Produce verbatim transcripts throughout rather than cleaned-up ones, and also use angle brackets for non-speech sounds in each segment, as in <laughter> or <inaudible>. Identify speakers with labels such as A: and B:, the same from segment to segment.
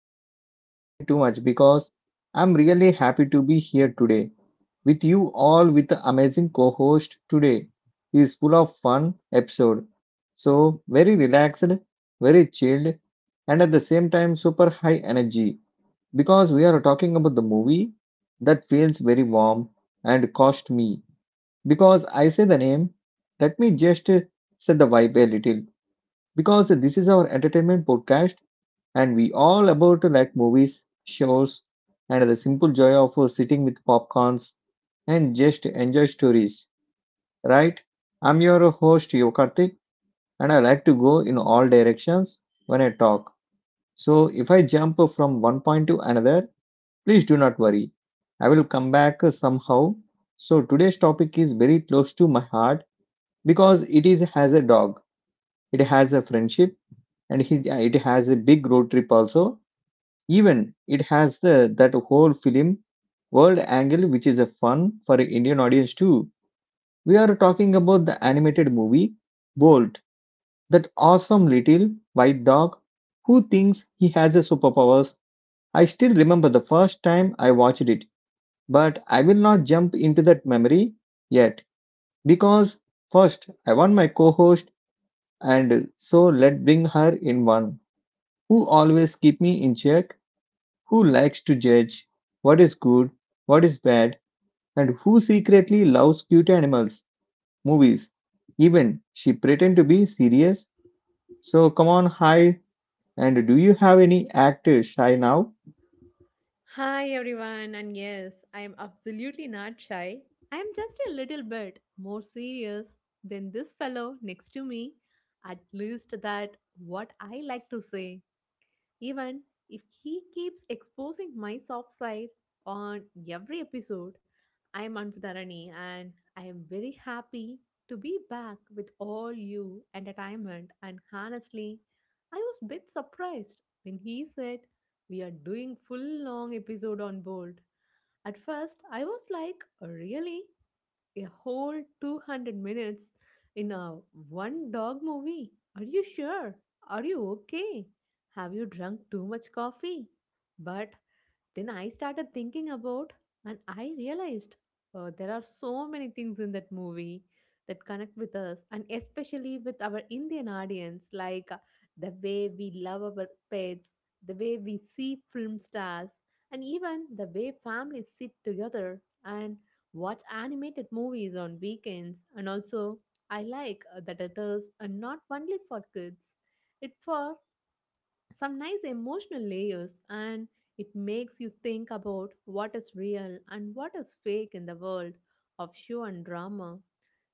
A: I'm already smiling too much because I'm really happy to be here today with you all with the amazing co-host today. Is full of fun episode. So very relaxed, very chilled, and at the same time super high energy because we are talking about the movie that feels very warm and cost me. Because I say the name, let me just uh, set the vibe a little because this is our entertainment podcast and we all about to like movies, shows, and the simple joy of uh, sitting with popcorns and just enjoy stories, right? I'm your host Yokartik and I like to go in all directions when I talk. So if I jump from one point to another, please do not worry. I will come back somehow. So today's topic is very close to my heart because it is has a dog. It has a friendship and he yeah, it has a big road trip also even it has the that whole film world angle which is a fun for an Indian audience too. We are talking about the animated movie Bolt, that awesome little white dog who thinks he has a superpowers. I still remember the first time I watched it, but I will not jump into that memory yet because first I want my co-host, and so let bring her in one who always keep me in check, who likes to judge what is good, what is bad, and who secretly loves cute animals, movies. Even she pretend to be serious. So come on, hi. And do you have any actor shy now?
B: Hi everyone, and yes, I am absolutely not shy. I am just a little bit more serious than this fellow next to me. At least that what I like to say. Even if he keeps exposing my soft side on every episode, I am Anputarani and I am very happy to be back with all you entertainment. And honestly, I was a bit surprised when he said we are doing full long episode on Bolt. At first, I was like, really? A whole two hundred minutes in a one dog movie. Are you sure? Are you okay? Have you drunk too much coffee? But then I started thinking about, and I realized uh, there are so many things in that movie that connect with us, and especially with our Indian audience, like uh, the way we love our pets, the way we see film stars, and even the way families sit together and watch animated movies on weekends. And also, I like uh, that it is uh, not only for kids, it's for some nice emotional layers and it makes you think about what is real and what is fake in the world of show and drama.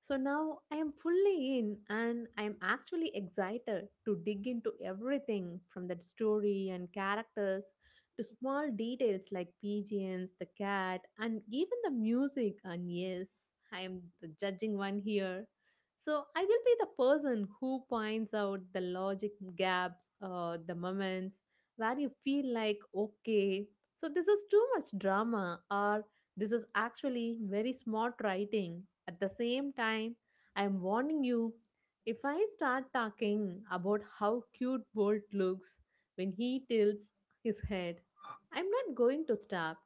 B: So now I am fully in and I am actually excited to dig into everything from the story and characters to small details like pigeons, the cat, and even the music. And yes, I am the judging one here so I will be the person who points out the logic gaps, uh, the moments where you feel like, okay, so this is too much drama, or this is actually very smart writing. At the same time, I am warning you if I start talking about how cute Bolt looks when he tilts his head, I'm not going to stop.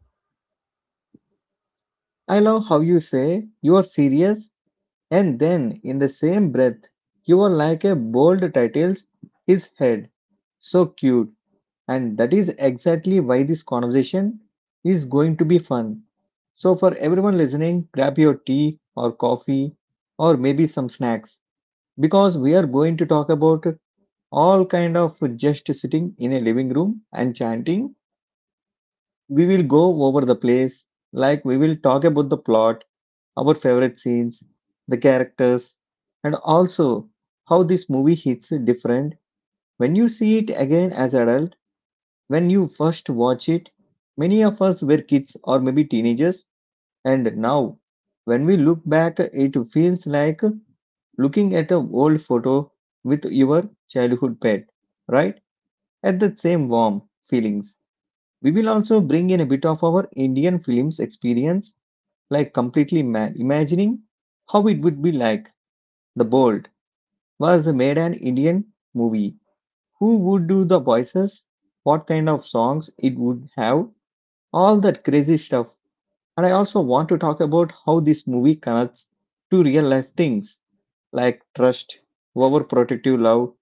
A: I love how you say you are serious, and then in the same breath, you are like a bold titles his head. So cute. And that is exactly why this conversation is going to be fun. So, for everyone listening, grab your tea or coffee or maybe some snacks because we are going to talk about all kind of just sitting in a living room and chanting. We will go over the place, like we will talk about the plot, our favorite scenes, the characters, and also how this movie hits different when you see it again as adult. When you first watch it, many of us were kids or maybe teenagers, and now when we look back, it feels like looking at an old photo with your childhood pet, right? At the same warm feelings. We will also bring in a bit of our Indian films experience, like completely ma- imagining how it would be like. The Bolt was made an Indian movie. Who would do the voices? What kind of songs it would have? All that crazy stuff. And I also want to talk about how this movie connects to real life things like trust, overprotective love,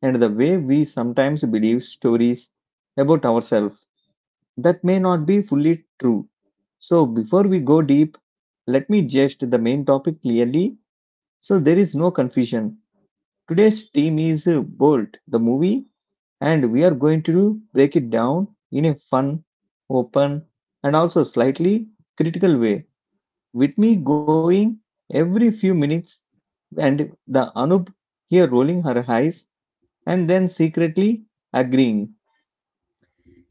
A: and the way we sometimes believe stories about ourselves that may not be fully true. So, before we go deep, let me just the main topic clearly so there is no confusion. Today's theme is uh, Bolt, the movie, and we are going to break it down in a fun, open, and also slightly critical way with me going every few minutes, and the Anub here rolling her eyes and then secretly agreeing.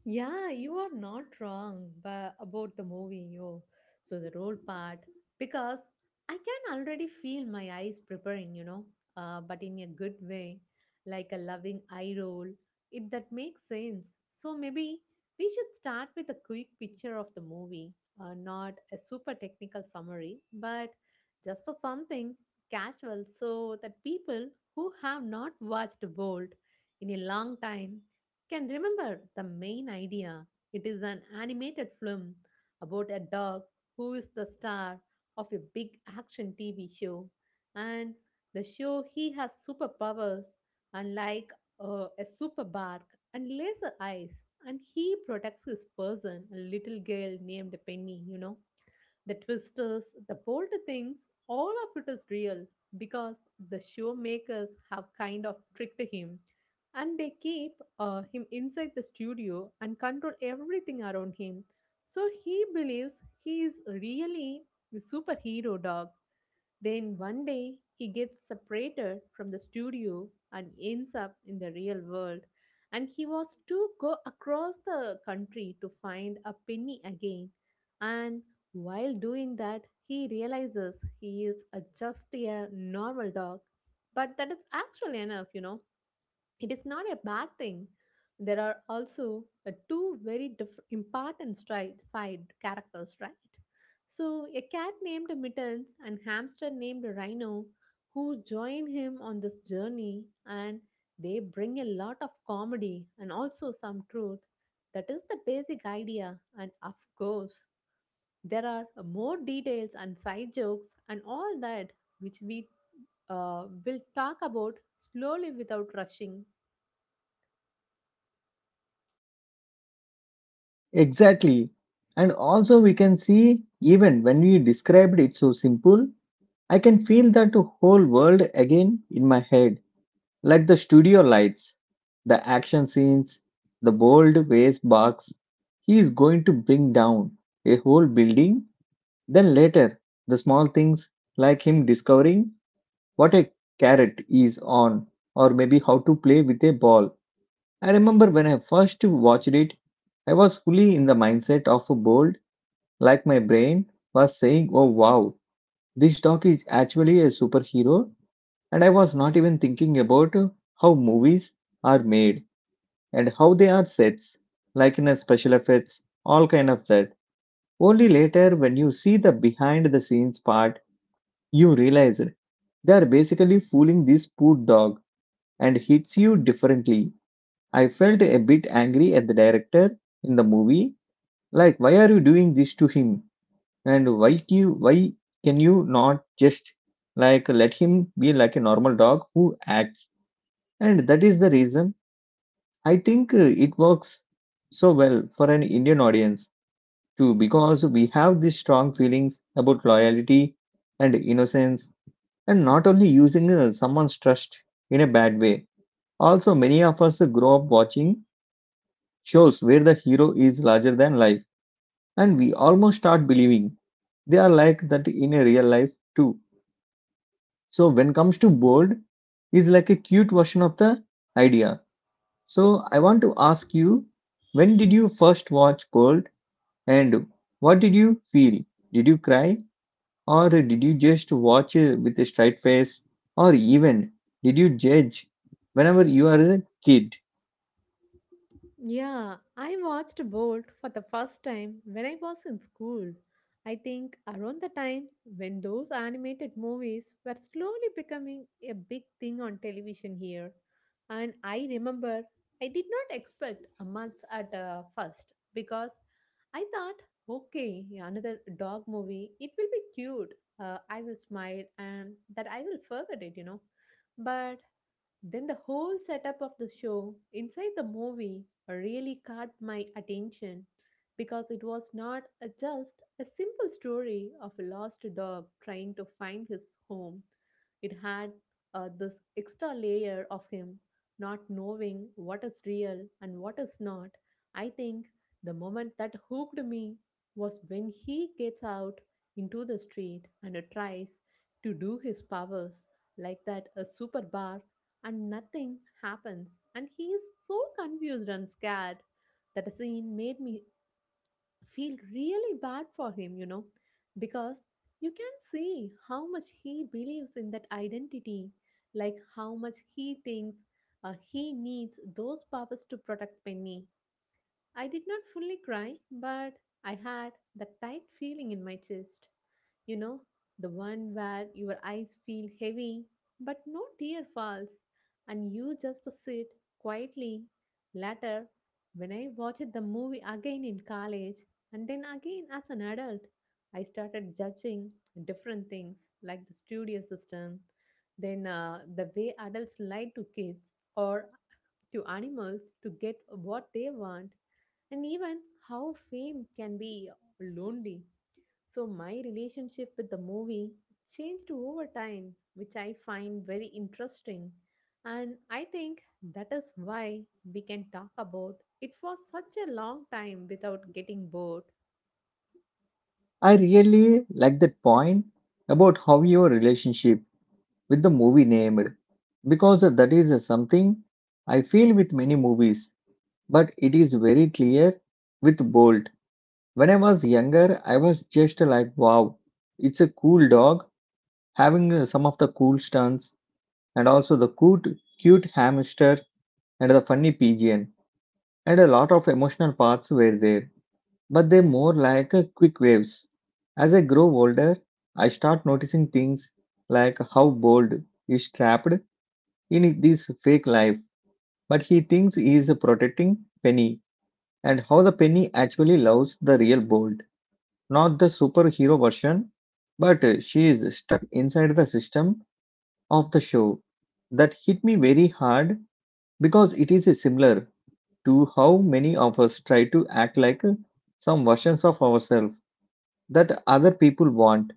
B: Yeah, you are not wrong but about the movie, yo. So the role part, because I can already feel my eyes preparing, you know, uh, but in a good way, like a loving eye roll, if that makes sense. So maybe we should start with a quick picture of the movie, uh, not a super technical summary, but just a something casual so that people who have not watched Bolt in a long time can remember the main idea. It is an animated film about a dog who is the star of a big action T V show, and the show he has superpowers, unlike uh, a super bark and laser eyes, and he protects his person, a little girl named Penny. You know, the twisters, the bold things, all of it is real because the show makers have kind of tricked him and they keep uh, him inside the studio and control everything around him. So he believes he is really the superhero dog. Then one day he gets separated from the studio and ends up in the real world. And he was to go across the country to find a penny again. And while doing that, he realizes he is a, just a normal dog. But that is actually enough, you know it is not a bad thing. There are also uh, two very diff- important stri- side characters, right? So, a cat named Mittens and hamster named Rhino who join him on this journey, and they bring a lot of comedy and also some truth. That is the basic idea, and of course, there are more details and side jokes and all that which we uh, will talk about slowly without rushing.
A: Exactly. And also, we can see, even when we described it so simple, I can feel that whole world again in my head, like the studio lights, the action scenes, the bold waste box. He is going to bring down a whole building. Then later, the small things like him discovering what a carrot is on, or maybe how to play with a ball. I remember when I first watched it, I was fully in the mindset of a bold, like my brain was saying, "Oh wow, this dog is actually a superhero," and I was not even thinking about how movies are made and how they are sets, like in a special effects, all kind of that. Only later when you see the behind the scenes part, you realize they are basically fooling this poor dog and hits you differently. I felt a bit angry at the director in the movie, like why are you doing this to him? And why do you, why can you not just like let him be like a normal dog who acts? And that is the reason I think uh, it works so well for an Indian audience too because we have these strong feelings about loyalty and innocence and not only using uh, someone's trust in a bad way. Also, many of us grow up watching shows where the hero is larger than life and we almost start believing they are like that in a real life too. So when comes to bold is like a cute version of the idea. So I want to ask you, when did you first watch bold and what did you feel? Did you cry or did you just watch it with a straight face, or even did you judge whenever you are a kid?
B: Yeah, I watched Bolt for the first time when I was in school. I think around the time when those animated movies were slowly becoming a big thing on television here. And I remember I did not expect a much at uh, first because I thought, okay, yeah, another dog movie, it will be cute. Uh, I will smile and that I will forget it, you know. But then the whole setup of the show inside the movie really caught my attention because it was not a, just a simple story of a lost dog trying to find his home. It had uh, this extra layer of him not knowing what is real and what is not. I think the moment that hooked me was when he gets out into the street and tries to do his powers like that a super bar and nothing happens and he is so confused and scared. That scene made me feel really bad for him, you know, because you can see how much he believes in that identity, like how much he thinks uh, he needs those powers to protect penny. I did not fully cry but I had that tight feeling in my chest, you know, the one where your eyes feel heavy but no tear falls, and you just sit quietly. Later, when I watched the movie again in college and then again as an adult, I started judging different things like the studio system, then uh, the way adults lie to kids or to animals to get what they want, and even how fame can be lonely. So my relationship with the movie changed over time, which I find very interesting. And I think that is why we can talk about it for such a long time without getting bored.
A: I really like that point about how your relationship with the movie named because that is something I feel with many movies, but it is very clear with Bolt. When I was younger, I was just like, wow, it's a cool dog having uh, some of the cool stunts and also the cute, cute hamster and the funny pigeon, and a lot of emotional parts were there, but they more like uh, quick waves. As I grow older, I start noticing things like how Bolt is trapped in this fake life, but he thinks he is protecting Penny and how the Penny actually loves the real Bolt, not the superhero version, but uh, she is stuck inside the system of the show. That hit me very hard because it is uh, similar to how many of us try to act like uh, some versions of ourselves that other people want,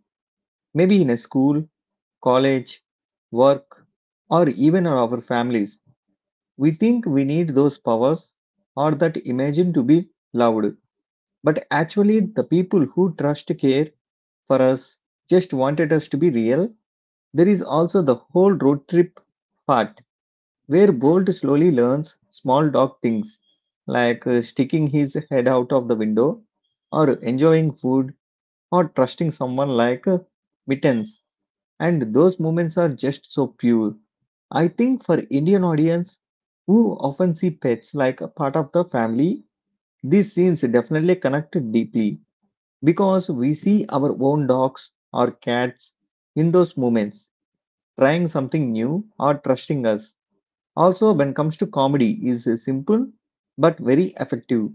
A: maybe in a school, college, work, or even our families. We think we need those powers or that imagine to be loved, but actually, the people who trust care for us just wanted us to be real. There is also the whole road trip part where Bolt slowly learns small dog things like uh, sticking his head out of the window or enjoying food or trusting someone like uh, Mittens and those moments are just so pure. I think for Indian audience who often see pets like a part of the family, these scenes definitely connect deeply because we see our own dogs or cats in those moments trying something new or trusting us. Also when comes to comedy is simple but very effective,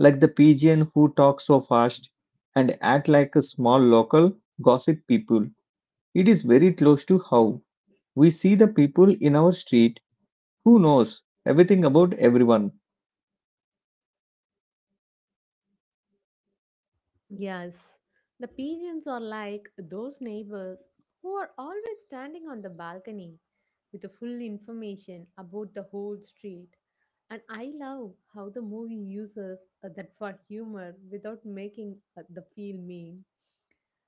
A: like the pigeon who talks so fast and act like a small local gossip people. It is very close to how we see the people in our street who knows everything about everyone.
B: Yes, the pigeons are like those neighbors who are always standing on the balcony with the full information about the whole street. And I love how the movie uses uh, that for humor without making uh, the feel mean.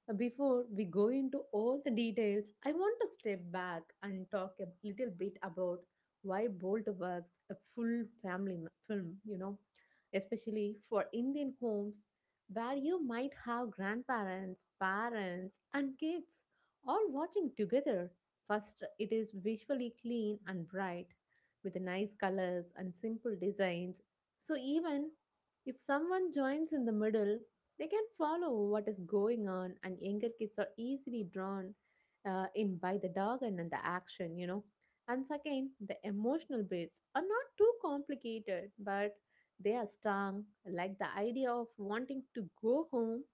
B: Uh, Before we go into all the details, I want to step back and talk a little bit about why Bolt works a full family m- film, you know, especially for Indian homes where you might have grandparents, parents, and kids all watching together. First, it is visually clean and bright with nice colors and simple designs. So, even if someone joins in the middle, they can follow what is going on, and younger kids are easily drawn uh, in by the dog and and the action, you know. And second, the emotional bits are not too complicated, but they are strong, like the idea of wanting to go home,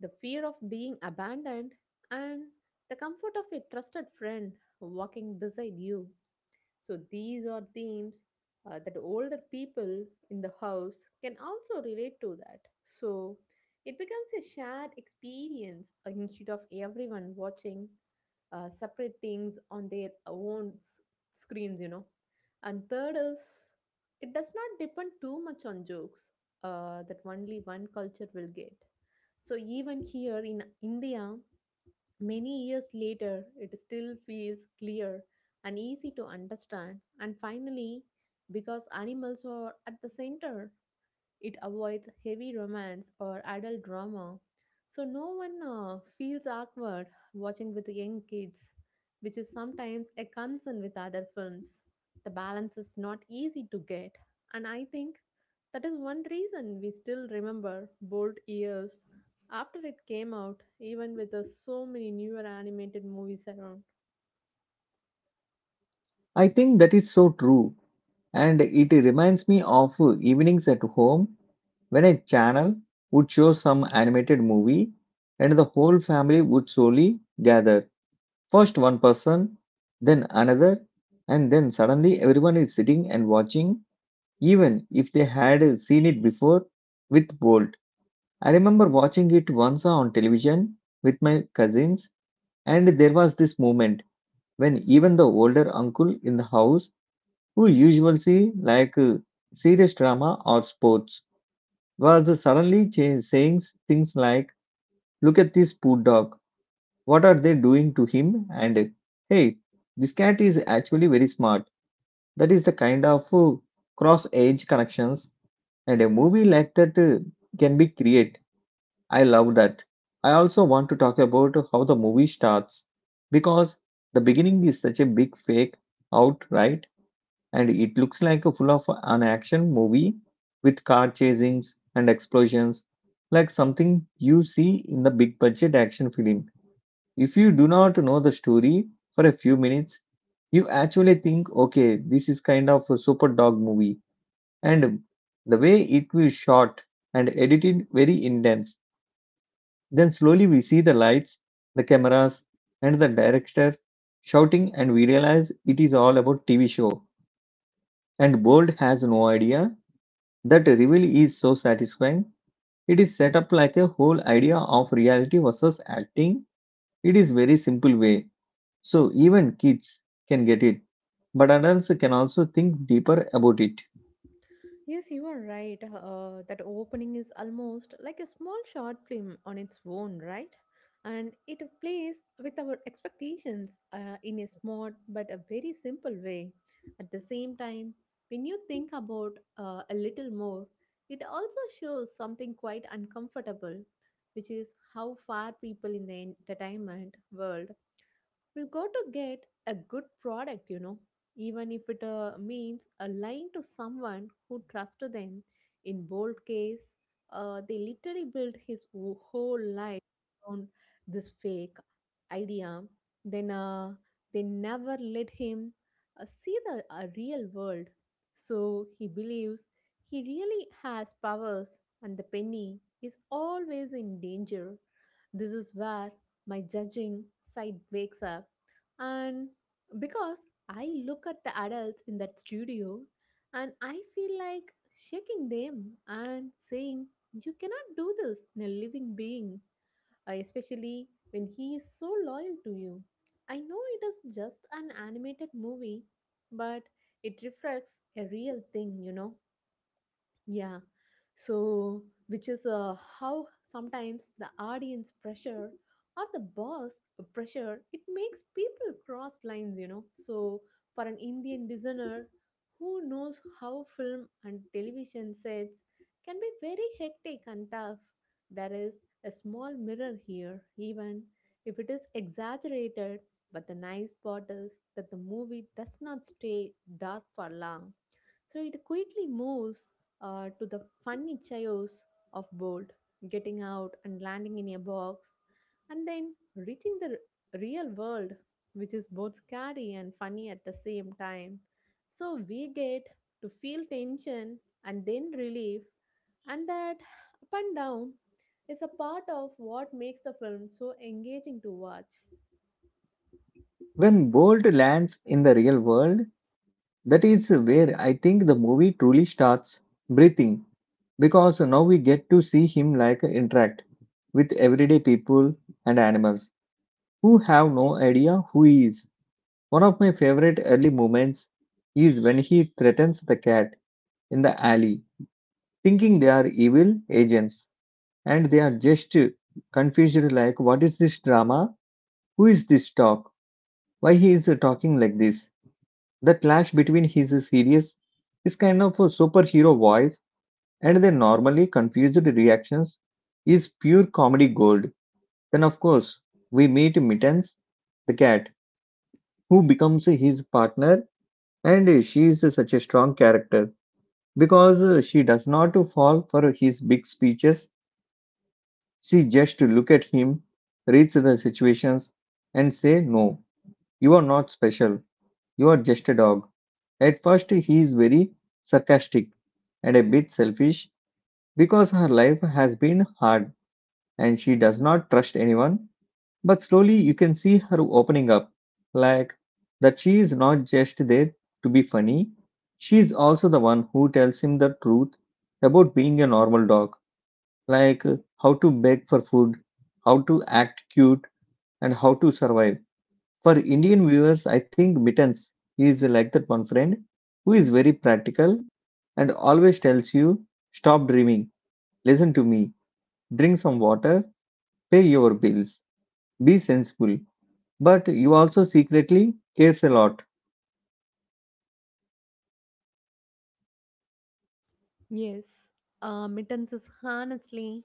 B: the fear of being abandoned, and the comfort of a trusted friend walking beside you. So these are themes uh, that older people in the house can also relate to that. So it becomes a shared experience uh, instead of everyone watching uh, separate things on their own s- screens, you know. And third is it does not depend too much on jokes uh, that only one culture will get. So even here in India, many years later, it still feels clear and easy to understand, and finally, because animals are at the center it avoids heavy romance or adult drama, so no one uh, feels awkward watching with young kids, which is sometimes a concern with other films. The balance is not easy to get, and I think that is one reason we still remember Bold Years after it came out, even with uh, so many newer animated movies around.
A: I think that is so true and it reminds me of evenings at home when a channel would show some animated movie and the whole family would slowly gather. First one person, then another, and then suddenly everyone is sitting and watching even if they had seen it before with Bolt. I remember watching it once on television with my cousins. And there was this moment when even the older uncle in the house, who usually see like uh, serious drama or sports, was suddenly cha- saying things like, "Look at this poor dog. What are they doing to him?" And, "Hey, this cat is actually very smart." That is the kind of cross age connections and a movie like that uh, can be created. I love that. I also want to talk about how the movie starts because the beginning is such a big fake out, right? And it looks like a full of an action movie with car chasings and explosions, like something you see in the big budget action film. If you do not know the story for a few minutes, you actually think, okay, this is kind of a super dog movie. And the way it will shot and edited very intense, then slowly we see the lights, the cameras, and the director shouting, and we realize it is all about T V show. And Bold has no idea. That reveal is so satisfying. It is set up like a whole idea of reality versus acting. It is very simple way, so even kids can get it. But adults can also think deeper about it.
B: Yes, you are right. Uh, that opening is almost like a small short film on its own, right? And it plays with our expectations uh, in a smart but a very simple way. At the same time, when you think about uh, a little more, it also shows something quite uncomfortable, which is how far people in the entertainment world will go to get a good product, you know, even if it uh, means a lying to someone who trusts them. In bold case, uh, they literally built his wh- whole life on this fake idea. Then uh, they never let him uh, see the uh, real world. So he believes he really has powers, and the penny is always in danger. This is where my judging side wakes up, and because I look at the adults in that studio and I feel like shaking them and saying, you cannot do this in a living being, uh, especially when he is so loyal to you. I know it is just an animated movie, but it reflects a real thing, you know. Yeah. So, which is uh, how sometimes the audience pressure or the boss pressure it makes people cross lines, you know. So, for an Indian listener who knows how film and television sets can be very hectic and tough, there is a small mirror here, even if it is exaggerated. But the nice part is that the movie does not stay dark for long, so it quickly moves uh, to the funny chaos of bolt getting out and landing in a box and then reaching the r- real world, which is both scary and funny at the same time. So we get to feel tension and then relief, and that up and down is a part of what makes the film so engaging to watch.
A: When Bolt lands in the real world, that is where I think the movie truly starts breathing because now we get to see him like interact with everyday people and animals who have no idea who he is. One of my favorite early moments is when he threatens the cat in the alley, thinking they are evil agents and they are just confused like, what is this drama? Who is this talk? Why he is talking like this? The clash between his serious, his kind of a superhero voice and their normally confused reactions is pure comedy gold. Then, of course, we meet Mittens, the cat, who becomes his partner, and she is such a strong character because she does not fall for his big speeches. She just look at him, reads the situations, and say, "No, you are not special. You are just a dog." At first, he is very sarcastic and a bit selfish because her life has been hard and she does not trust anyone. But slowly you can see her opening up, like that she is not just there to be funny, she is also the one who tells him the truth about being a normal dog, like uh, how to beg for food, how to act cute, and how to survive. For Indian viewers, I think Mittens is like that one friend who is very practical and always tells you, stop dreaming, listen to me, drink some water, pay your bills. Be sensible, but you also secretly cares a lot.
B: Yes, uh, mittens is honestly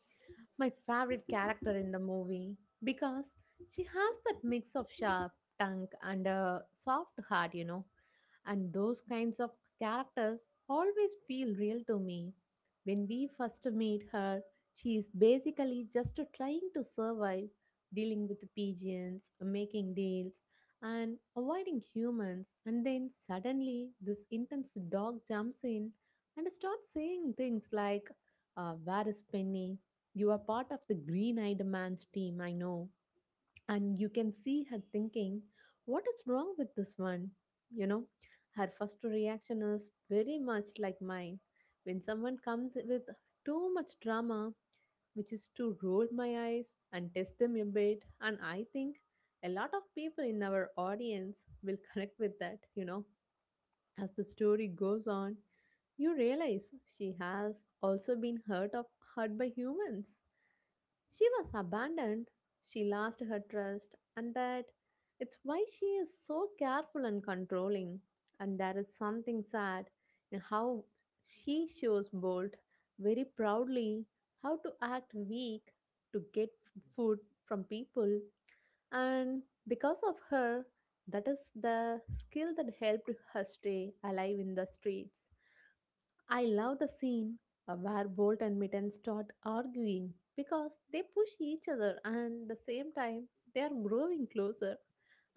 B: my favorite character in the movie because she has that mix of sharp tongue and a soft heart, you know. And those kinds of characters always feel real to me. When we first meet her, she is basically just trying to survive, dealing with pigeons, making deals, and avoiding humans. And then suddenly, this intense dog jumps in and starts saying things like, uh, Where is Penny? You are part of the green eyed man's team, I know. And you can see her thinking, What is wrong with this one? You know, her first reaction is very much like mine. When someone comes with too much drama, which is to roll my eyes and test them a bit, and I think a lot of people in our audience will <laughs> connect with that, you know. As the story goes on, you realize she has also been hurt of hurt by humans. She was abandoned, she lost her trust, and that it's why she is so careful and controlling. And there is something sad in how she shows Bolt very proudly how to act weak to get food from people, and because of her, that is the skill that helped her stay alive in the streets. I love the scene uh, where Bolt and Mitten start arguing, because they push each other and the same time they are growing closer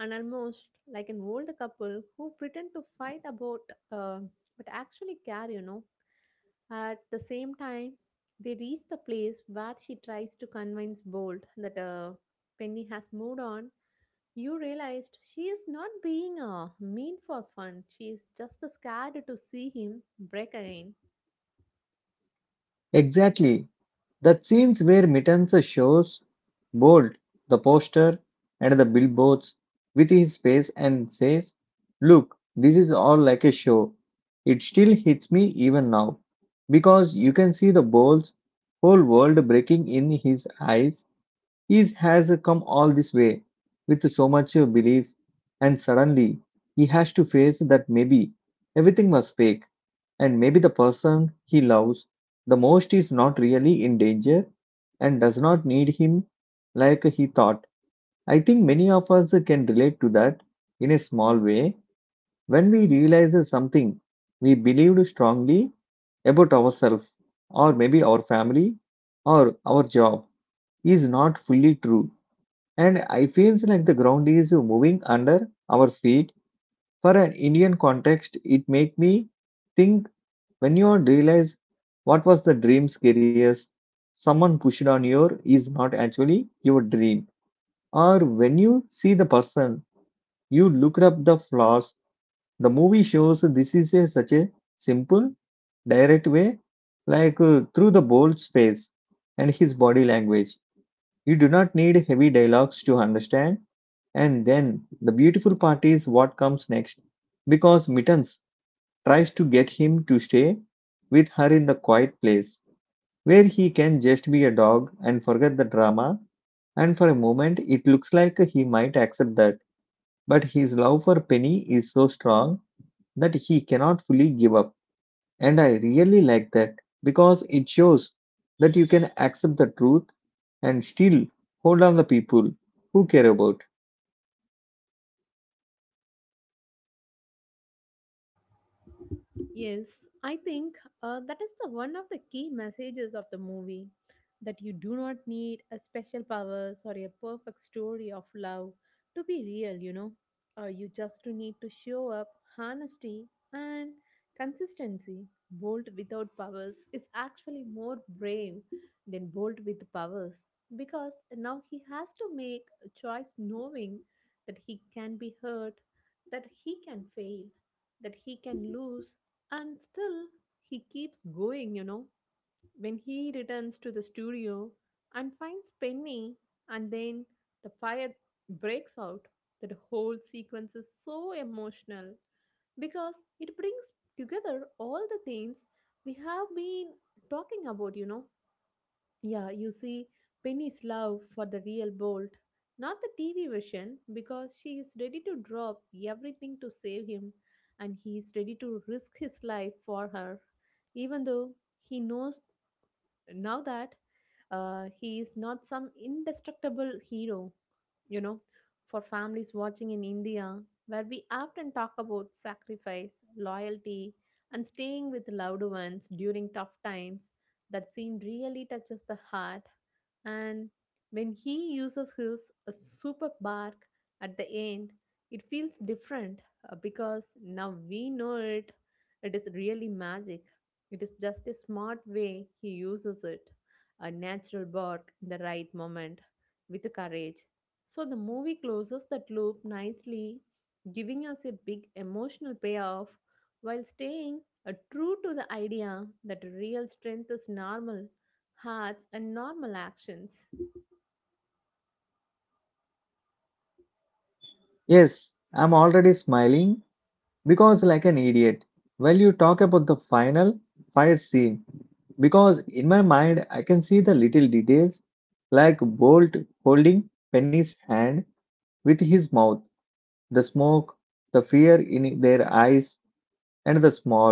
B: and almost like an old couple who pretend to fight about uh, but actually care, you know. At the same time, they reach the place where she tries to convince Bolt that uh, Penny has moved on. You realized she is not being uh, mean for fun. She is just scared to see him break again.
A: Exactly. That scenes where Mittens shows Bolt the poster and the billboards with his face and says, "Look, this is all like a show." It still hits me even now, because you can see the Bolt's whole world breaking in his eyes. He has come all this way with so much belief, and suddenly he has to face that maybe everything was fake. And maybe the person he loves the most is not really in danger and does not need him like he thought. I think many of us can relate to that in a small way, when we realize something we believed strongly about ourselves, or maybe our family, or our job is not fully true. And I feels like the ground is moving under our feet. For an Indian context, it make me think when you realize what was the dream scariest someone pushed on your is not actually your dream, or when you see the person, you looked up the flaws. The movie shows this is a, such a simple, direct way, like uh, through the bold space and his body language. You do not need heavy dialogues to understand. And then the beautiful part is what comes next, because Mittens tries to get him to stay with her in the quiet place where he can just be a dog and forget the drama. And for a moment, it looks like he might accept that. But his love for Penny is so strong that he cannot fully give up. And I really like that because it shows that you can accept the truth and still hold on the people who care about.
B: Yes, I think uh, that is the one of the key messages of the movie, that you do not need a special powers or a perfect story of love to be real, you know. Uh, you just need to show up honesty and consistency. Bold without powers is actually more brave than bold with powers, because now he has to make a choice knowing that he can be hurt, that he can fail, that he can lose, and still, he keeps going, you know. When he returns to the studio and finds Penny, and then the fire breaks out, that whole sequence is so emotional because it brings together all the themes we have been talking about, you know. Yeah, you see, Penny's love for the real Bolt, not the T V version, because she is ready to drop everything to save him and he is ready to risk his life for her, even though he knows now that uh, he is not some indestructible hero, you know. For families watching in India, where we often talk about sacrifice, loyalty, and staying with loved ones during tough times, that scene really touches the heart. And when he uses his uh, super bark at the end, it feels different uh, because now we know it. It is really magic. It is just a smart way he uses it, a natural bark in the right moment, with courage. So the movie closes that loop nicely, giving us a big emotional payoff while staying uh, true to the idea that real strength is normal hearts and normal actions.
A: Yes, I'm already smiling because like an idiot while you talk about the final fight scene, because in my mind I can see the little details, like bolt holding penny's hand with his mouth, the smoke, the fear in their eyes, and the small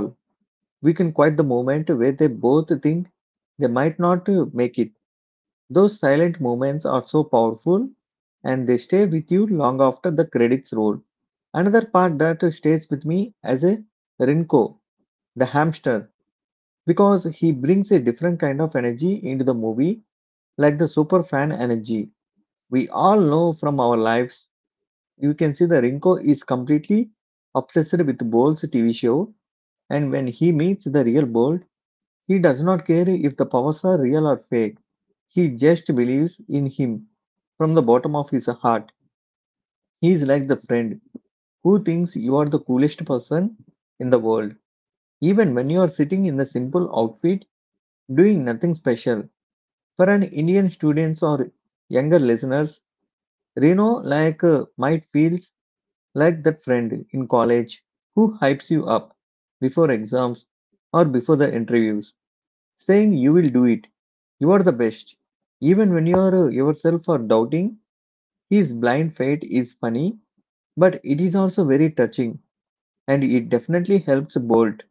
A: we can quite the moment where they both think they might not uh, make it. Those silent moments are so powerful, and they stay with you long after the credits roll. Another part that stays with me as a Rinko, the hamster, because he brings a different kind of energy into the movie, like the super fan energy. We all know from our lives, you can see the Rinko is completely obsessed with Bolt's T V show, and when he meets the real Bolt, he does not care if the powers are real or fake. He just believes in him from the bottom of his heart. He is like the friend who thinks you are the coolest person in the world, even when you are sitting in the simple outfit doing nothing special. For an Indian students or younger listeners, Reno like uh, might feels like that friend in college who hypes you up before exams or before the interviews, saying you will do it, you are the best, even when you are uh, yourself are doubting. His blind faith is funny, but it is also very touching, and it definitely helps Bolt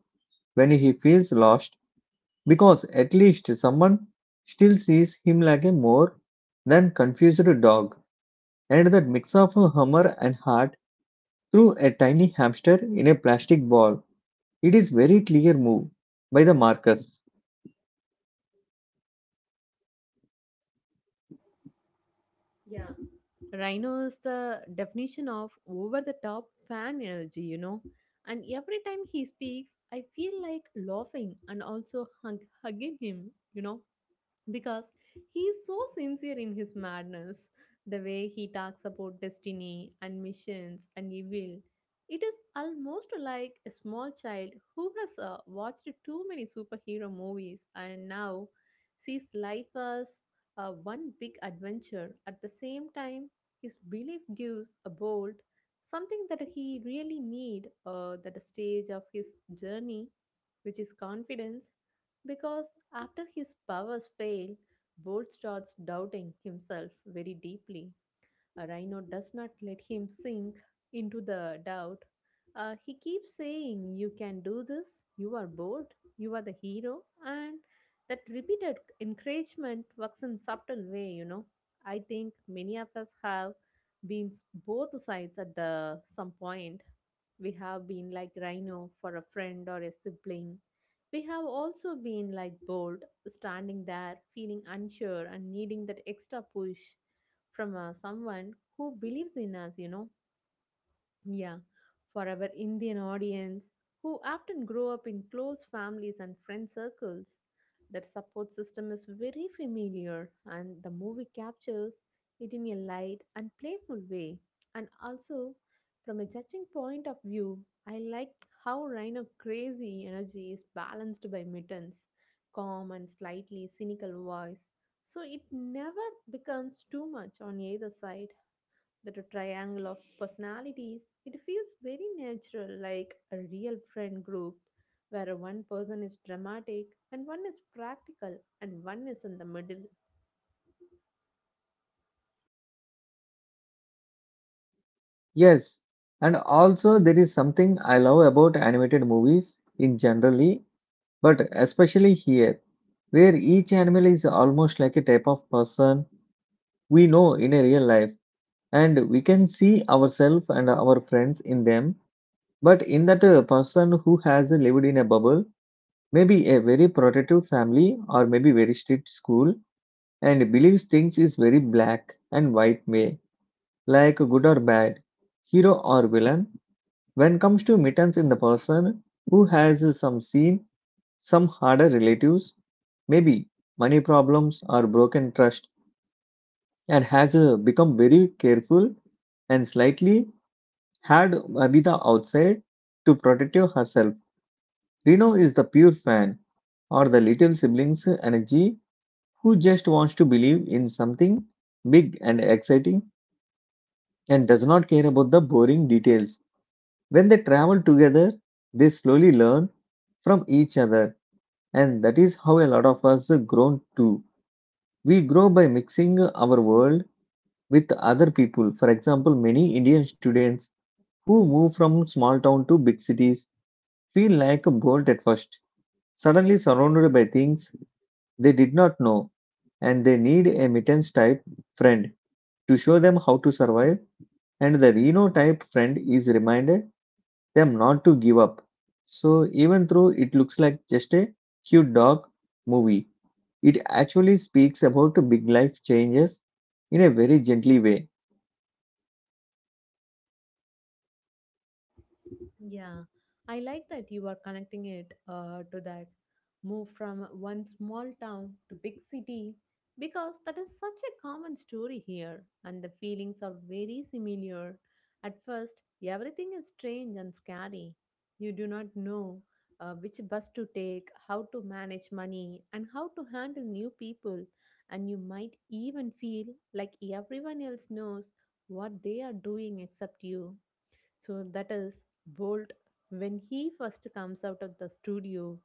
A: when he feels lost, because at least someone still sees him like a more than confused dog. And that mix of humor and heart through a tiny hamster in a plastic ball. It is very clear move by the Marcus.
B: Yeah, Rhino is the definition of over the top fan energy, you know. And every time he speaks, I feel like laughing and also hug- hugging him, you know, because he is so sincere in his madness. The way he talks about destiny and missions and evil, it is almost like a small child who has uh, watched too many superhero movies and now sees life as uh, one big adventure. At the same time, his belief gives a bolt something that he really need uh, at the stage of his journey, which is confidence, because after his powers fail, Bolt starts doubting himself very deeply. A Rhino does not let him sink into the doubt. Uh, he keeps saying, You can do this, you are bold, you are the hero, and that repeated encouragement works in subtle way, you know. I think many of us have been s- both sides at the some point. We have been like Rhino for a friend or a sibling. We have also been like bold, standing there, feeling unsure and needing that extra push from uh, someone who believes in us, you know. Yeah, for our Indian audience, who often grow up in close families and friend circles, that support system is very familiar, and the movie captures it in a light and playful way. And also, from a judging point of view, I like how Rhino crazy energy is balanced by Mitten's calm and slightly cynical voice, so it never becomes too much on either side. That a triangle of personalities, it feels very natural, like a real friend group where one person is dramatic and one is practical and one is in the middle.
A: Yes, and also there is something I love about animated movies in generally, but especially here, where each animal is almost like a type of person we know in a real life, and we can see ourselves and our friends in them. But in that uh, person who has lived in a bubble, maybe a very protective family or maybe very strict school, and believes things is very black and white way, like good or bad, hero or villain. When comes to mittens in the person who has some scene, some harder relatives, maybe money problems or broken trust, and has uh, become very careful and slightly had Abida outside to protect herself. Reno is the pure fan or the little sibling's energy who just wants to believe in something big and exciting and does not care about the boring details. When they travel together, they slowly learn from each other, and that is how a lot of us grown too. We grow by mixing our world with other people. For example, many Indian students who move from small town to big cities feel like a bolt at first, suddenly surrounded by things they did not know, and they need a mittens type friend to show them how to survive, and the Reno type friend is reminded them not to give up. So even though it looks like just a cute dog movie, it actually speaks about big life changes in a very gently way.
B: Yeah, I like that you are connecting it uh, to that move from one small town to big city, because that is such a common story here and the feelings are very similar. At first, everything is strange and scary. You do not know uh, which bus to take, how to manage money, and how to handle new people, and you might even feel like everyone else knows what they are doing except you. So that is Bolt when he first comes out of the studio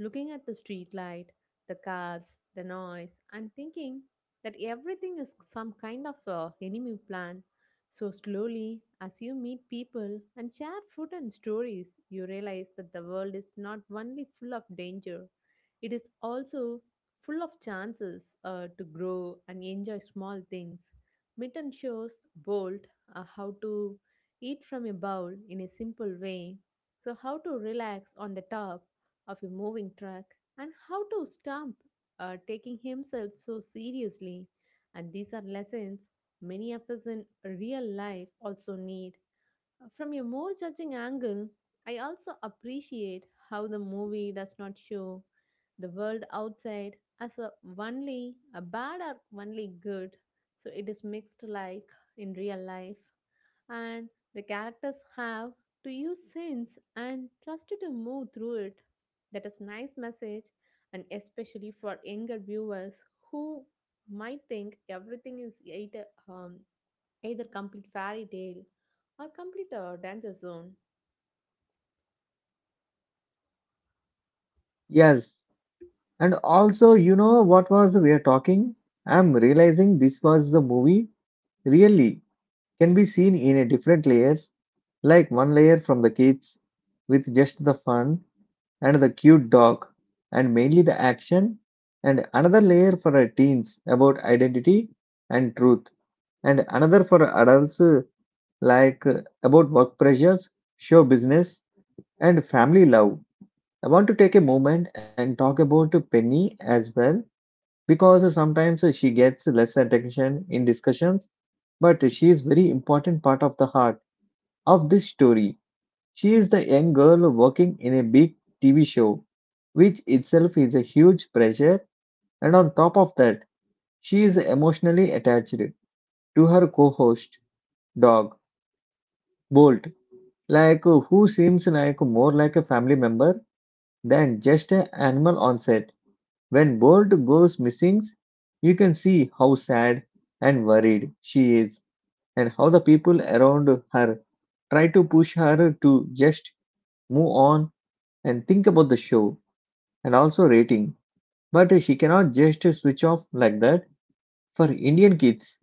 B: looking at the street light, the cars, the noise, and thinking that everything is some kind of a enemy plan. So slowly, as you meet people and share food and stories, you realize that the world is not only full of danger, it is also full of chances uh, to grow and enjoy small things. Mitten shows Bolt uh, how to eat from a bowl in a simple way, so how to relax on the top of a moving truck and how to stop uh, taking himself so seriously. And these are lessons many of us in real life also need. From a more judging angle, I also appreciate how the movie does not show the world outside as a only a bad or only good. So it is mixed like in real life, and the characters have to use sense and trust to move through it. That is nice message, and especially for younger viewers who might think everything is either, um, either complete fairy tale or complete a danger zone.
A: Yes, and also, you know what was we are talking? I'm realizing this was the movie really can be seen in a different layers, like one layer from the kids with just the fun and the cute dog and mainly the action, and another layer for our teens about identity and truth, and another for adults uh, like uh, about work pressures, show business, and family love. I want to take a moment and talk about Penny as well, because sometimes she gets less attention in discussions, but she is very important part of the heart of this story. She is the young girl working in a big T V show, which itself is a huge pressure, and on top of that, she is emotionally attached to her co-host dog Bolt, like who seems like more like a family member than just an animal on set. When Bolt goes missing, you can see how sad and worried she is, and how the people around her try to push her to just move on and think about the show and also rating. But she cannot just switch off like that. For Indian kids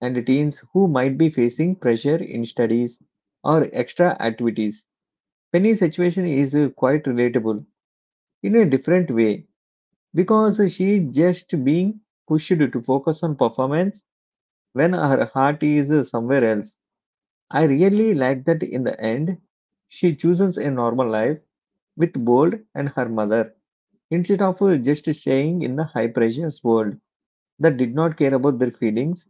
A: and teens who might be facing pressure in studies or extra activities, Penny's situation is quite relatable in a different way, because she's just being pushed to focus on performance when her heart is somewhere else. I really like that in the end, she chooses a normal life with Bold and her mother instead of just staying in the high pressure world that did not care about their feelings.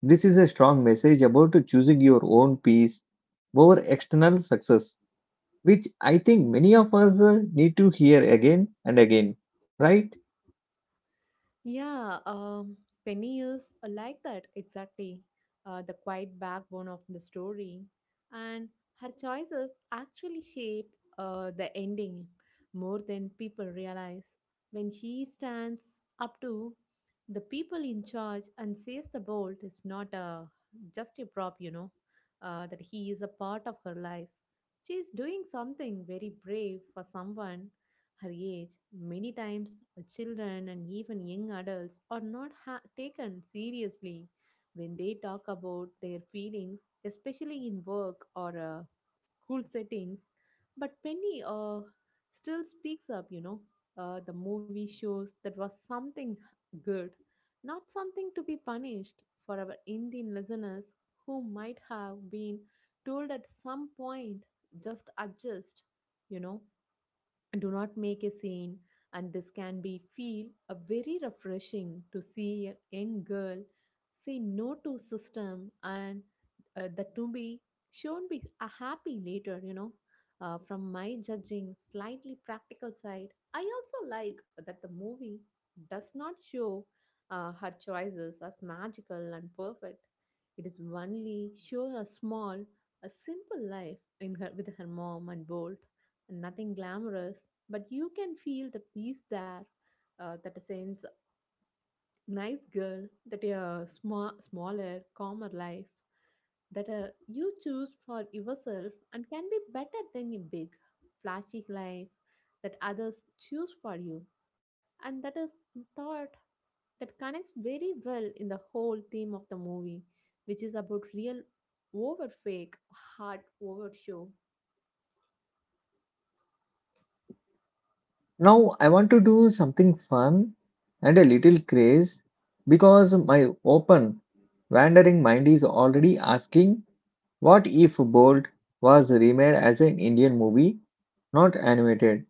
A: This is a strong message about choosing your own peace over external success, which I think many of us uh, need to hear again and again, right?
B: Yeah, um, Penny is uh, like that exactly. Uh, the quiet backbone of the story, and her choices actually shape uh, the ending more than people realize. When she stands up to the people in charge and says the bolt is not a just a prop, you know, uh, that he is a part of her life. She is doing something very brave for someone her age. Many times children and even young adults are not ha- taken seriously when they talk about their feelings, especially in work or uh, school settings. But Penny uh, still speaks up, you know. Uh, the movie shows that was something good, not something to be punished. For our Indian listeners who might have been told at some point just adjust, you know, do not make a scene, and this can be feel a very refreshing to see a young girl say no to system, and uh, that to be shown be a happy later, you know. Uh, from my judging slightly practical side, I also like that the movie does not show uh, her choices as magical and perfect. It is only show a small a simple life in her with her mom and bolt, nothing glamorous, but you can feel the peace there. Uh, that a sense, nice girl, that a sma- smaller, calmer life that uh, you choose for yourself and can be better than a big, flashy life that others choose for you. And that is thought that connects very well in the whole theme of the movie, which is about real over fake, heart over show.
A: Now I want to do something fun and a little craze, because my open wandering mind is already asking, what if Bolt was remade as an Indian movie, not animated,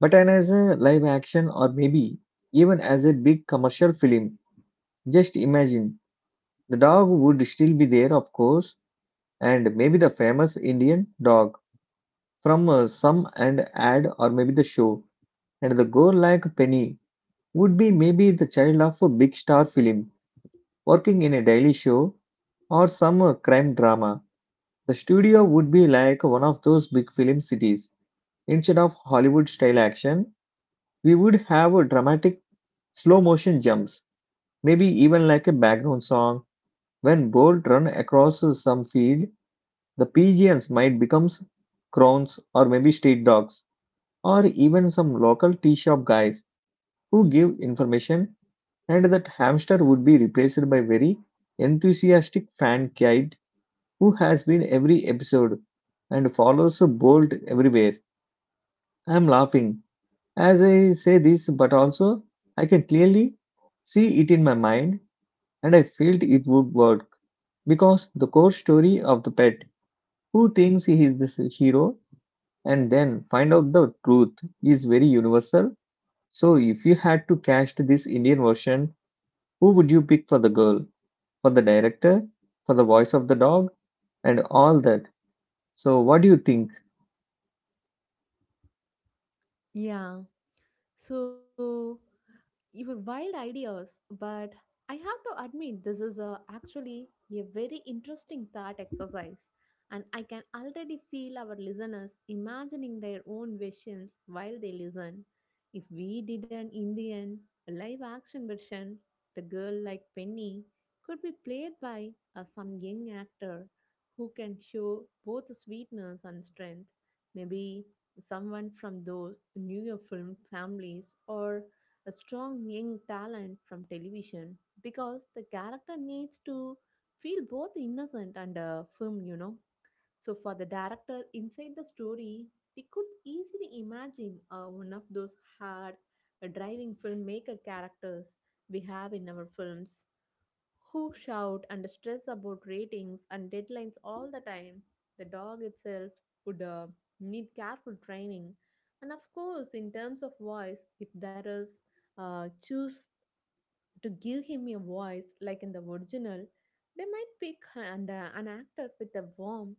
A: but an- as a live action or maybe even as a big commercial film. Just imagine, the dog would still be there, of course, and maybe the famous Indian dog from uh, some and ad or maybe the show, and the gore like Penny would be maybe the child of a big star film working in a daily show or some uh, crime drama. The studio would be like one of those big film cities. Instead of Hollywood style action, we would have a dramatic slow motion jumps, maybe even like a background song. When Bolt run across some field, the pigeons might become crowns or maybe street dogs or even some local tea shop guys who give information, and that hamster would be replaced by very enthusiastic fan kid who has been every episode and follows Bolt everywhere. I am laughing as I say this, but also I can clearly see it in my mind, and I felt it would work because the core story of the pet who thinks he is the hero and then find out the truth is very universal. So if you had to cast this Indian version, who would you pick for the girl, for the director, for the voice of the dog, and all that? So, what do you think?
B: Yeah. So your wild ideas, but I have to admit this is a, actually a very interesting thought exercise. And I can already feel our listeners imagining their own visions while they listen. If we did an Indian live action version, the girl like Penny could be played by uh, some young actor who can show both sweetness and strength. Maybe someone from those newer film families or a strong young talent from television, because the character needs to feel both innocent and uh, firm, you know. So, for the director inside the story, we could easily imagine uh, one of those hard, uh, driving filmmaker characters we have in our films who shout and stress about ratings and deadlines all the time. The dog itself would uh, need careful training. And of course, in terms of voice, if there is uh, choose to give him a voice like in the original, they might pick and, uh, an actor with a warm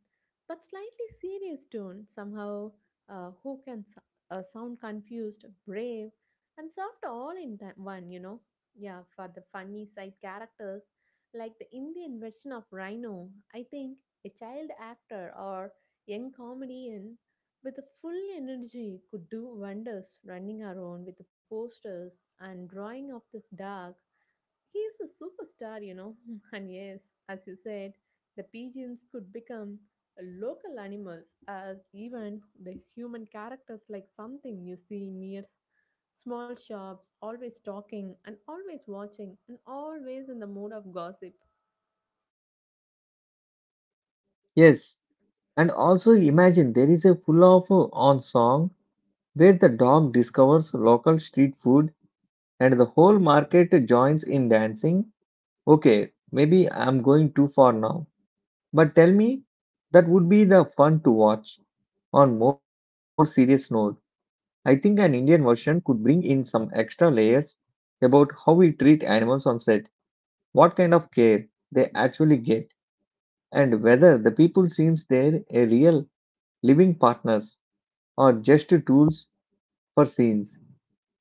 B: but slightly serious tone, somehow, uh, who can s- uh, sound confused, brave, and soft all in ti- one, you know. Yeah, for the funny side characters, like the Indian version of Rhino, I think a child actor or young comedian with full energy could do wonders running around with the posters and drawing of this dog. He is a superstar, you know. <laughs> And yes, as you said, the pigeons could become local animals as even the human characters, like something you see near small shops, always talking and always watching and always in the mood of gossip.
A: Yes, and also imagine there is a full of uh, on song where the dog discovers local street food and the whole market joins in dancing. Okay, maybe I'm going too far now, but tell me that would be the fun to watch. On more serious note, I think an Indian version could bring in some extra layers about how we treat animals on set, what kind of care they actually get, and whether the people seems they're a real living partners or just tools for scenes.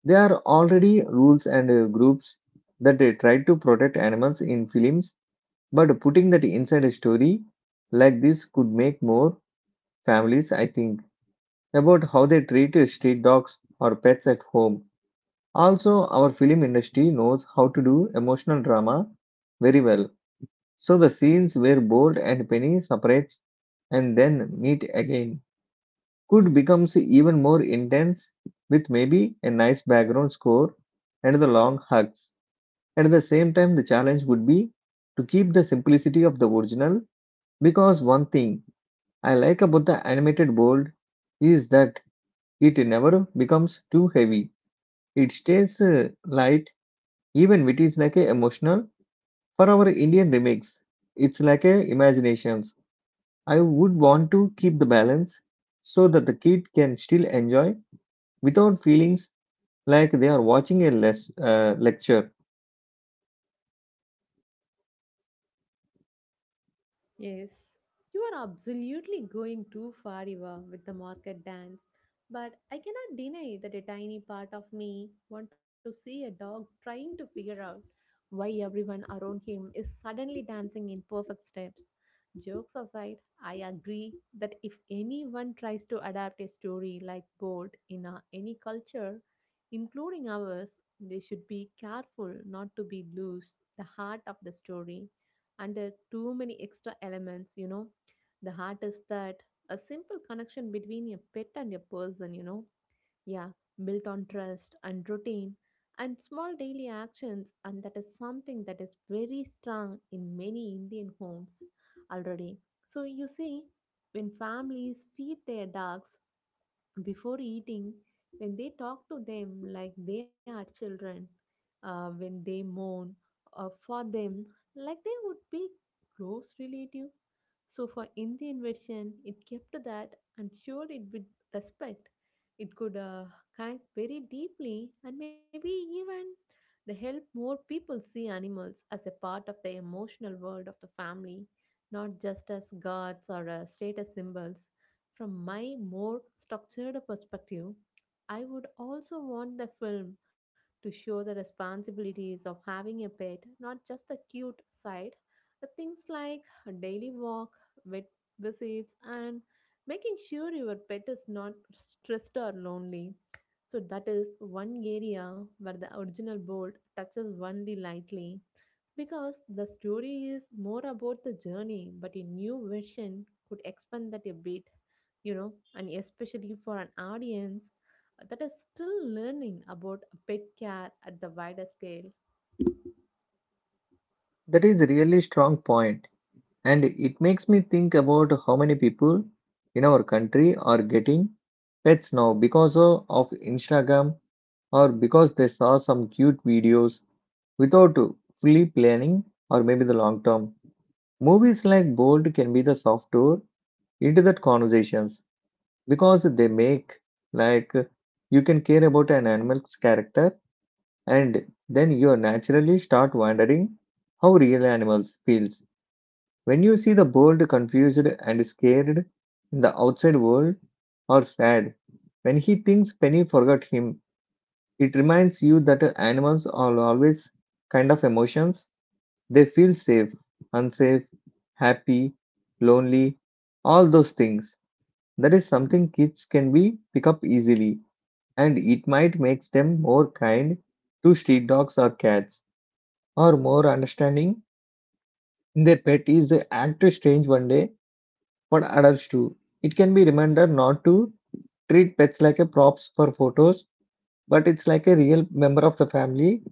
A: There are already rules and uh, groups that uh, try to protect animals in films, but putting that inside a story like this could make more families, I think, about how they treat uh, street dogs or pets at home. Also, our film industry knows how to do emotional drama very well. So the scenes where Bolt and Penny separates and then meet again could becomes even more intense with maybe a nice background score and the long hugs. At the same time, the challenge would be to keep the simplicity of the original, because one thing I like about the animated Bolt is that it never becomes too heavy. It stays uh, light even when it is like a emotional. For our Indian remakes, it's like a imaginations I would want to keep the balance so that the kid can still enjoy without feelings like they are watching a les- uh, lecture.
B: Yes, you are absolutely going too far, Eva, with the market dance. But I cannot deny that a tiny part of me want to see a dog trying to figure out why everyone around him is suddenly dancing in perfect steps. Jokes aside, I agree that if anyone tries to adapt a story like Bolt in a, any culture, including ours, they should be careful not to be lose the heart of the story under too many extra elements. You know, the heart is that a simple connection between a pet and a person, you know, yeah, built on trust and routine and small daily actions, and that is something that is very strong in many indian homes already. So you see, when families feed their dogs before eating, when they talk to them like they are children, uh, when they mourn uh, for them like they would be close relative. So for Indian version, it kept to that and showed it with respect. It could uh, connect very deeply and maybe even the help more people see animals as a part of the emotional world of the family, not just as gods or uh, status symbols. From my more structured perspective, I would also want the film to show the responsibilities of having a pet, not just the cute side. The things like a daily walk, vet visits, and making sure your pet is not stressed or lonely. So that is one area where the original bolt touches only lightly because the story is more about the journey, but a new version could expand that a bit, you know, and especially for an audience uh, that is still learning about pet care at the wider scale.
A: That is a really strong point, and it makes me think about how many people in our country are getting pets now because of, of Instagram or because they saw some cute videos without fully planning or maybe the long term. Movies like Bold can be the soft door into that conversations because they make, like, you can care about an animal's character and then you naturally start wondering how real animals feels. When you see the bold confused and scared in the outside world, or sad when he thinks penny forgot him, it reminds you that animals are always kind of emotions. They feel safe, unsafe, happy, lonely, all those things. That is something kids can be pick up easily, and it might make them more kind to street dogs or cats, or more understanding in their pet is an act strange one day. For adults too, it can be reminder not to treat pets like a props for photos, but it's like a real member of the family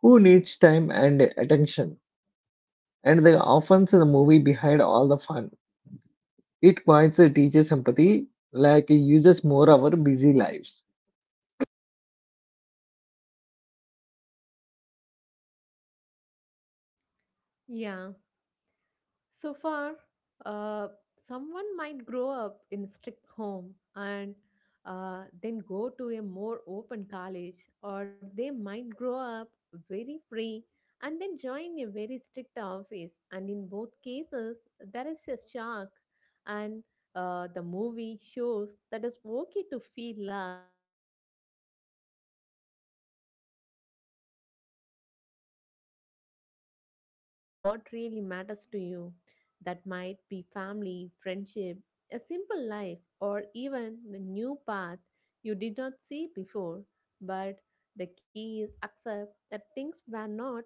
A: who needs time and attention. And the often the movie behind all the fun, it points uh, teaches empathy like it uses more our busy lives.
B: Yeah. So far, uh, someone might grow up in a strict home and uh, then go to a more open college, or they might grow up very free and then join a very strict office. And in both cases, there is a shock, and uh, the movie shows that it's okay to feel lost for a while in that shock, you know, as long as you keep your core kind and keep looking for what really matters to you. That might be family, friendship, a simple life, or even the new path you did not see before. But the key is accept that things were not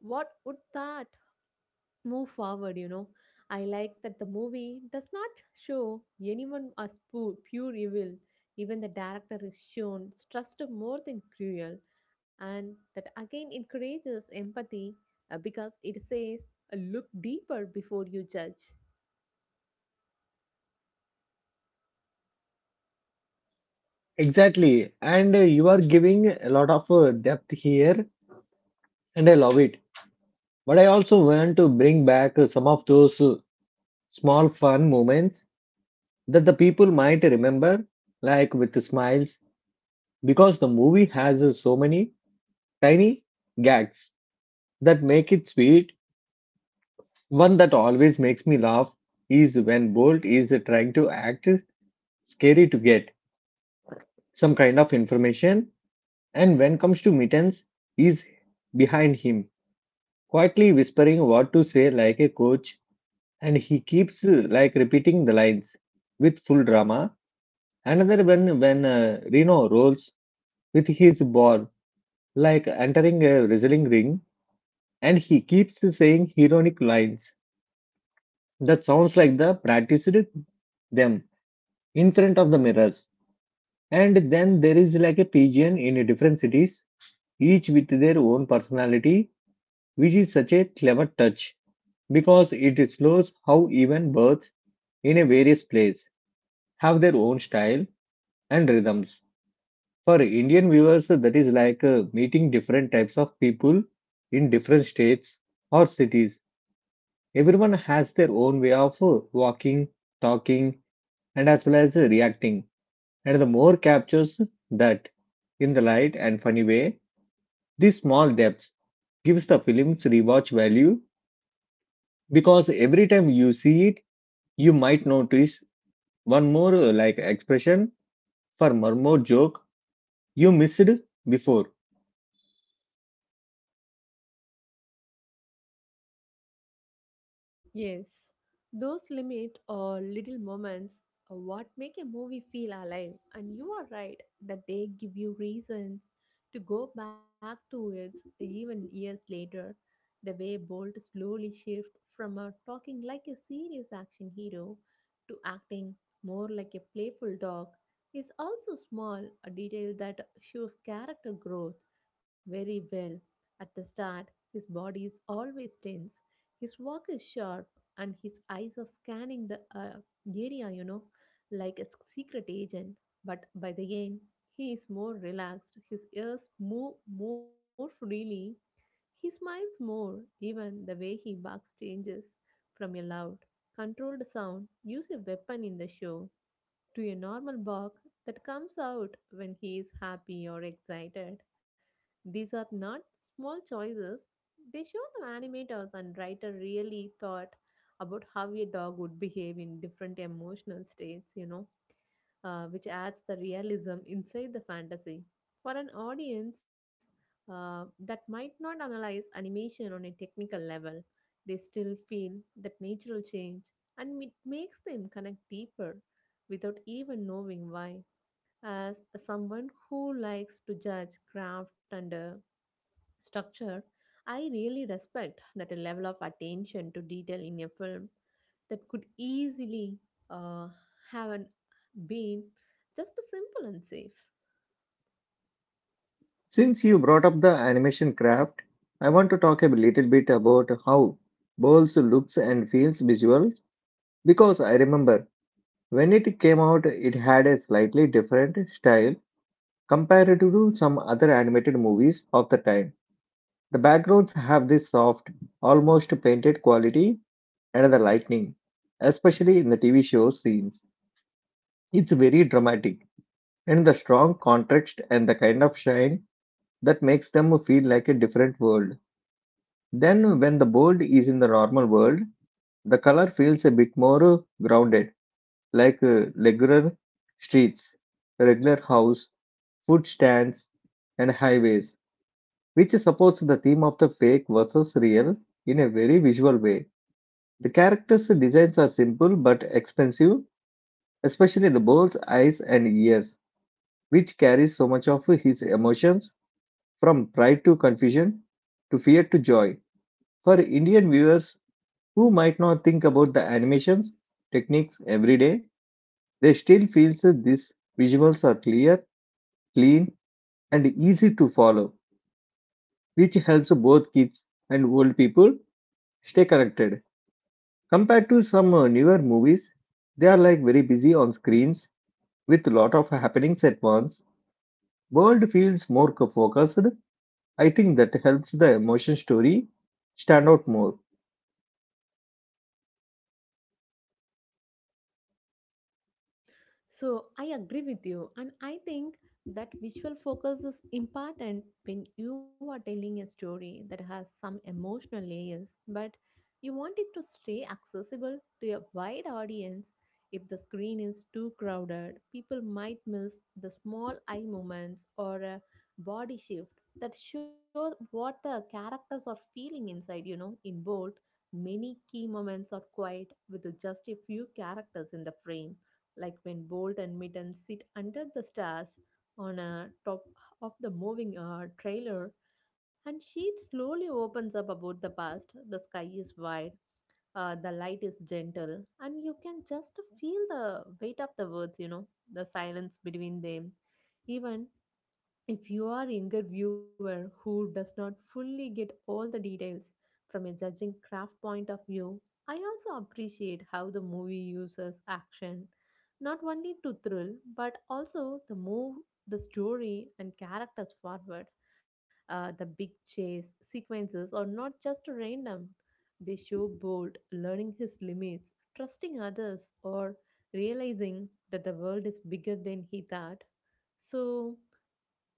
B: what would that move forward, you know. I like that the movie does not show anyone as pu- pure evil. Even the director is shown stressed more than cruel, and that again encourages empathy uh, because it says, look deeper before you judge.
A: Exactly, and uh, you are giving a lot of uh, depth here, and I love it. But I also want to bring back uh, some of those uh, small fun moments that the people might remember, like with the smiles, because the movie has uh, so many tiny gags that make it sweet. One that always makes me laugh is when Bolt is uh, trying to act scary to get some kind of information, and when comes to Mittens, is behind him, quietly whispering what to say like a coach, and he keeps uh, like repeating the lines with full drama. Another when when uh, Reno rolls with his ball like entering a wrestling ring, and he keeps saying ironic lines that sounds like the practiced them in front of the mirrors. And then there is like a pigeon in different cities, each with their own personality, which is such a clever touch because it shows how even birds in a various place have their own style and rhythms. For Indian viewers, that is like uh, meeting different types of people in different states or cities. Everyone has their own way of uh, walking, talking, and as well as uh, reacting. And the more captures that in the light and funny way, these small depths gives the film's rewatch value because every time you see it, you might notice one more uh, like expression for one more joke you missed before.
B: Yes, those limit or little moments are what make a movie feel alive, and you are right that they give you reasons to go back to it even years later. The way Bolt slowly shifts from a talking like a serious action hero to acting more like a playful dog is also small, a detail that shows character growth very well. At the start, his body is always tense, his walk is sharp, and his eyes are scanning the uh, area, you know, like a secret agent. But by the end, he is more relaxed, his ears move more freely, he smiles more, even the way he barks changes from a loud, controlled sound, use a weapon in the show, to a normal bark that comes out when he is happy or excited. These are not small choices. They show the animators and writer really thought about how a dog would behave in different emotional states, you know, uh, which adds the realism inside the fantasy. For an audience uh, that might not analyze animation on a technical level, they still feel that natural change and it makes them connect deeper without even knowing why. As someone who likes to judge craft and uh, structure, I really respect that a level of attention to detail in a film that could easily uh, have an, been just as simple and safe.
A: Since you brought up the animation craft, I want to talk a little bit about how Bowles looks and feels visuals, because I remember when it came out, it had a slightly different style compared to some other animated movies of the time. The backgrounds have this soft, almost painted quality, and the lightning, especially in the T V show scenes, it's very dramatic, and the strong contrast and the kind of shine that makes them feel like a different world. Then, when the bold is in the normal world, the color feels a bit more uh, grounded, like uh, regular streets, regular house, food stands, and highways, which supports the theme of the fake versus real in a very visual way. The characters' designs are simple but expensive, especially the bull's eyes and ears, which carries so much of his emotions from pride to confusion to fear to joy. For Indian viewers who might not think about the animations techniques every day, they still feels that these visuals are clear, clean, and easy to follow, which helps both kids and old people stay connected. Compared to some uh, newer movies, they are like very busy on screens with a lot of happenings at once. World feels more co- focused. I think that helps the emotion story stand out more.
B: So I agree with you, and I think that visual focus is important when you are telling a story that has some emotional layers, but you want it to stay accessible to a wide audience. If the screen is too crowded, people might miss the small eye movements or a body shift that shows what the characters are feeling inside, you know, in bold. Many key moments are quiet with just a few characters in the frame, like when Bolt and Mitten sit under the stars on a top of the moving uh, trailer, and she slowly opens up about the past. The sky is wide, uh, the light is gentle, and you can just feel the weight of the words, you know, the silence between them. Even if you are a younger viewer who does not fully get all the details from a judging craft point of view, I also appreciate how the movie uses action, not only to thrill but also to move the story and characters forward. Uh, the big chase sequences are not just random; they show Bolt learning his limits, trusting others, or realizing that the world is bigger than he thought. So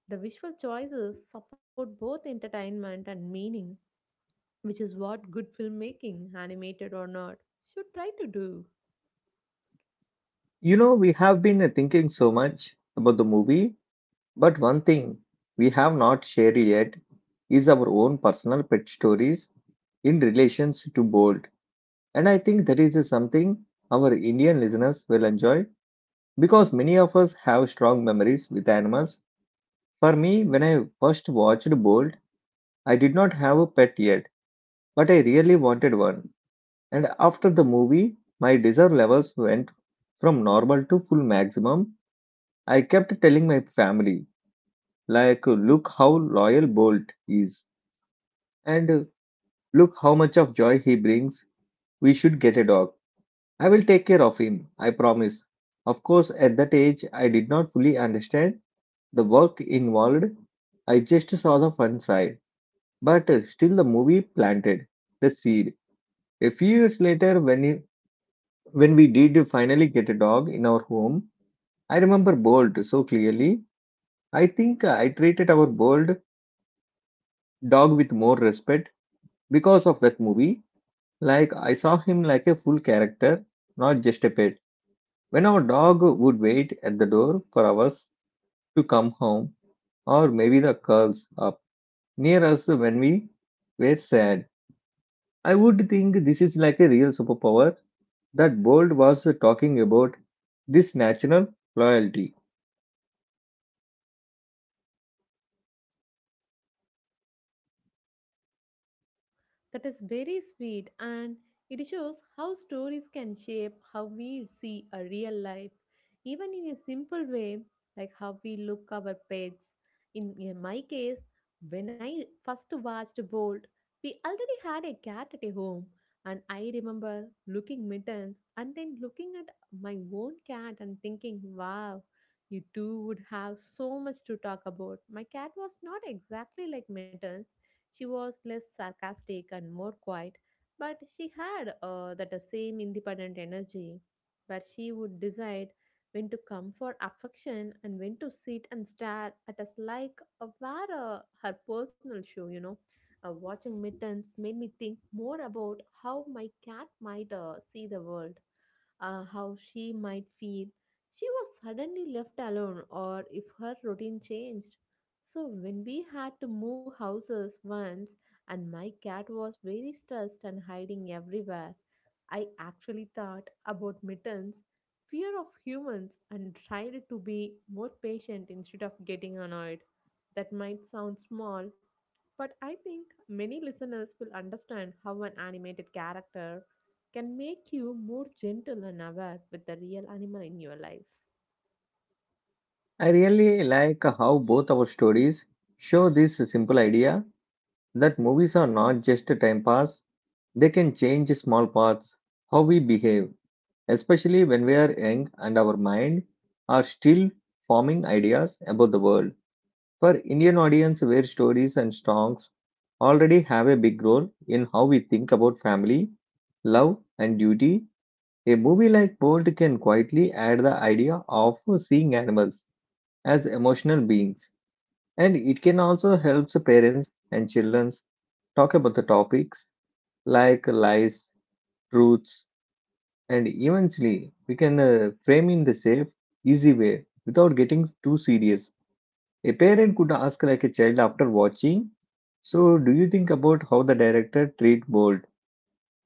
B: the visual choices support both entertainment and meaning, which is what good filmmaking, animated or not, should try to do.
A: You know, we have been uh, thinking so much about the movie, but one thing we have not shared yet is our own personal pet stories in relations to Bolt. And I think that is something our Indian listeners will enjoy because many of us have strong memories with animals. For me, when I first watched Bolt, I did not have a pet yet, but I really wanted one. And after the movie, my desire levels went from normal to full maximum. I kept telling my family, like, look how loyal Bolt is. And uh, look how much of joy he brings. We should get a dog. I will take care of him, I promise. Of course, at that age, I did not fully understand the work involved. I just saw the fun side. But uh, still, the movie planted the seed. A few years later, when, it, when we did finally get a dog in our home, I remember Bolt so clearly. I think I treated our Bolt dog with more respect because of that movie. Like, I saw him like a full character, not just a pet. When our dog would wait at the door for hours to come home, or maybe the curls up near us when we were sad, I would think this is like a real superpower that Bold was talking about, this natural loyalty.
B: That is very sweet, and it shows how stories can shape how we see a real life, even in a simple way, like how we look our pets. In, in my case, when I first watched Bolt, we already had a cat at a home, and I remember looking mittens and then looking at my own cat and thinking, wow. You two would have so much to talk about. My cat was not exactly like Mittens, she was less sarcastic and more quiet, but she had uh, that same independent energy where she would decide when to come for affection and when to sit and stare at us like a were a- her personal show, you know. Uh, watching midterms made me think more about how my cat might uh, see the world, uh, how she might feel. She was suddenly left alone, or if her routine changed. So when we had to move houses once and my cat was very stressed and hiding everywhere, I actually thought about mittens, fear of humans and tried to be more patient instead of getting annoyed. That might sound small, but I think many listeners will understand how an animated character can make you more gentle and aware with the real animal in your life.
A: I really like how both our stories show this simple idea that movies are not just a time pass, they can change small parts, how we behave, especially when we are young and our mind are still forming ideas about the world. For Indian audience where stories and songs already have a big role in how we think about family, love and duty, a movie like Bolt can quietly add the idea of seeing animals as emotional beings. And it can also help the parents and children talk about the topics like lies, truths, and eventually, we can uh, frame in the safe, easy way without getting too serious. A parent could ask like a child after watching, so, do you think about how the director treat bold?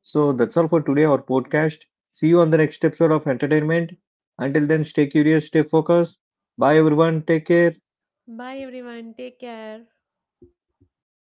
A: So, that's all for today, our podcast. See you on the next episode of Entertainment. Until then, stay curious, stay focused. Bye, everyone. Take care.
B: Bye everyone, take care.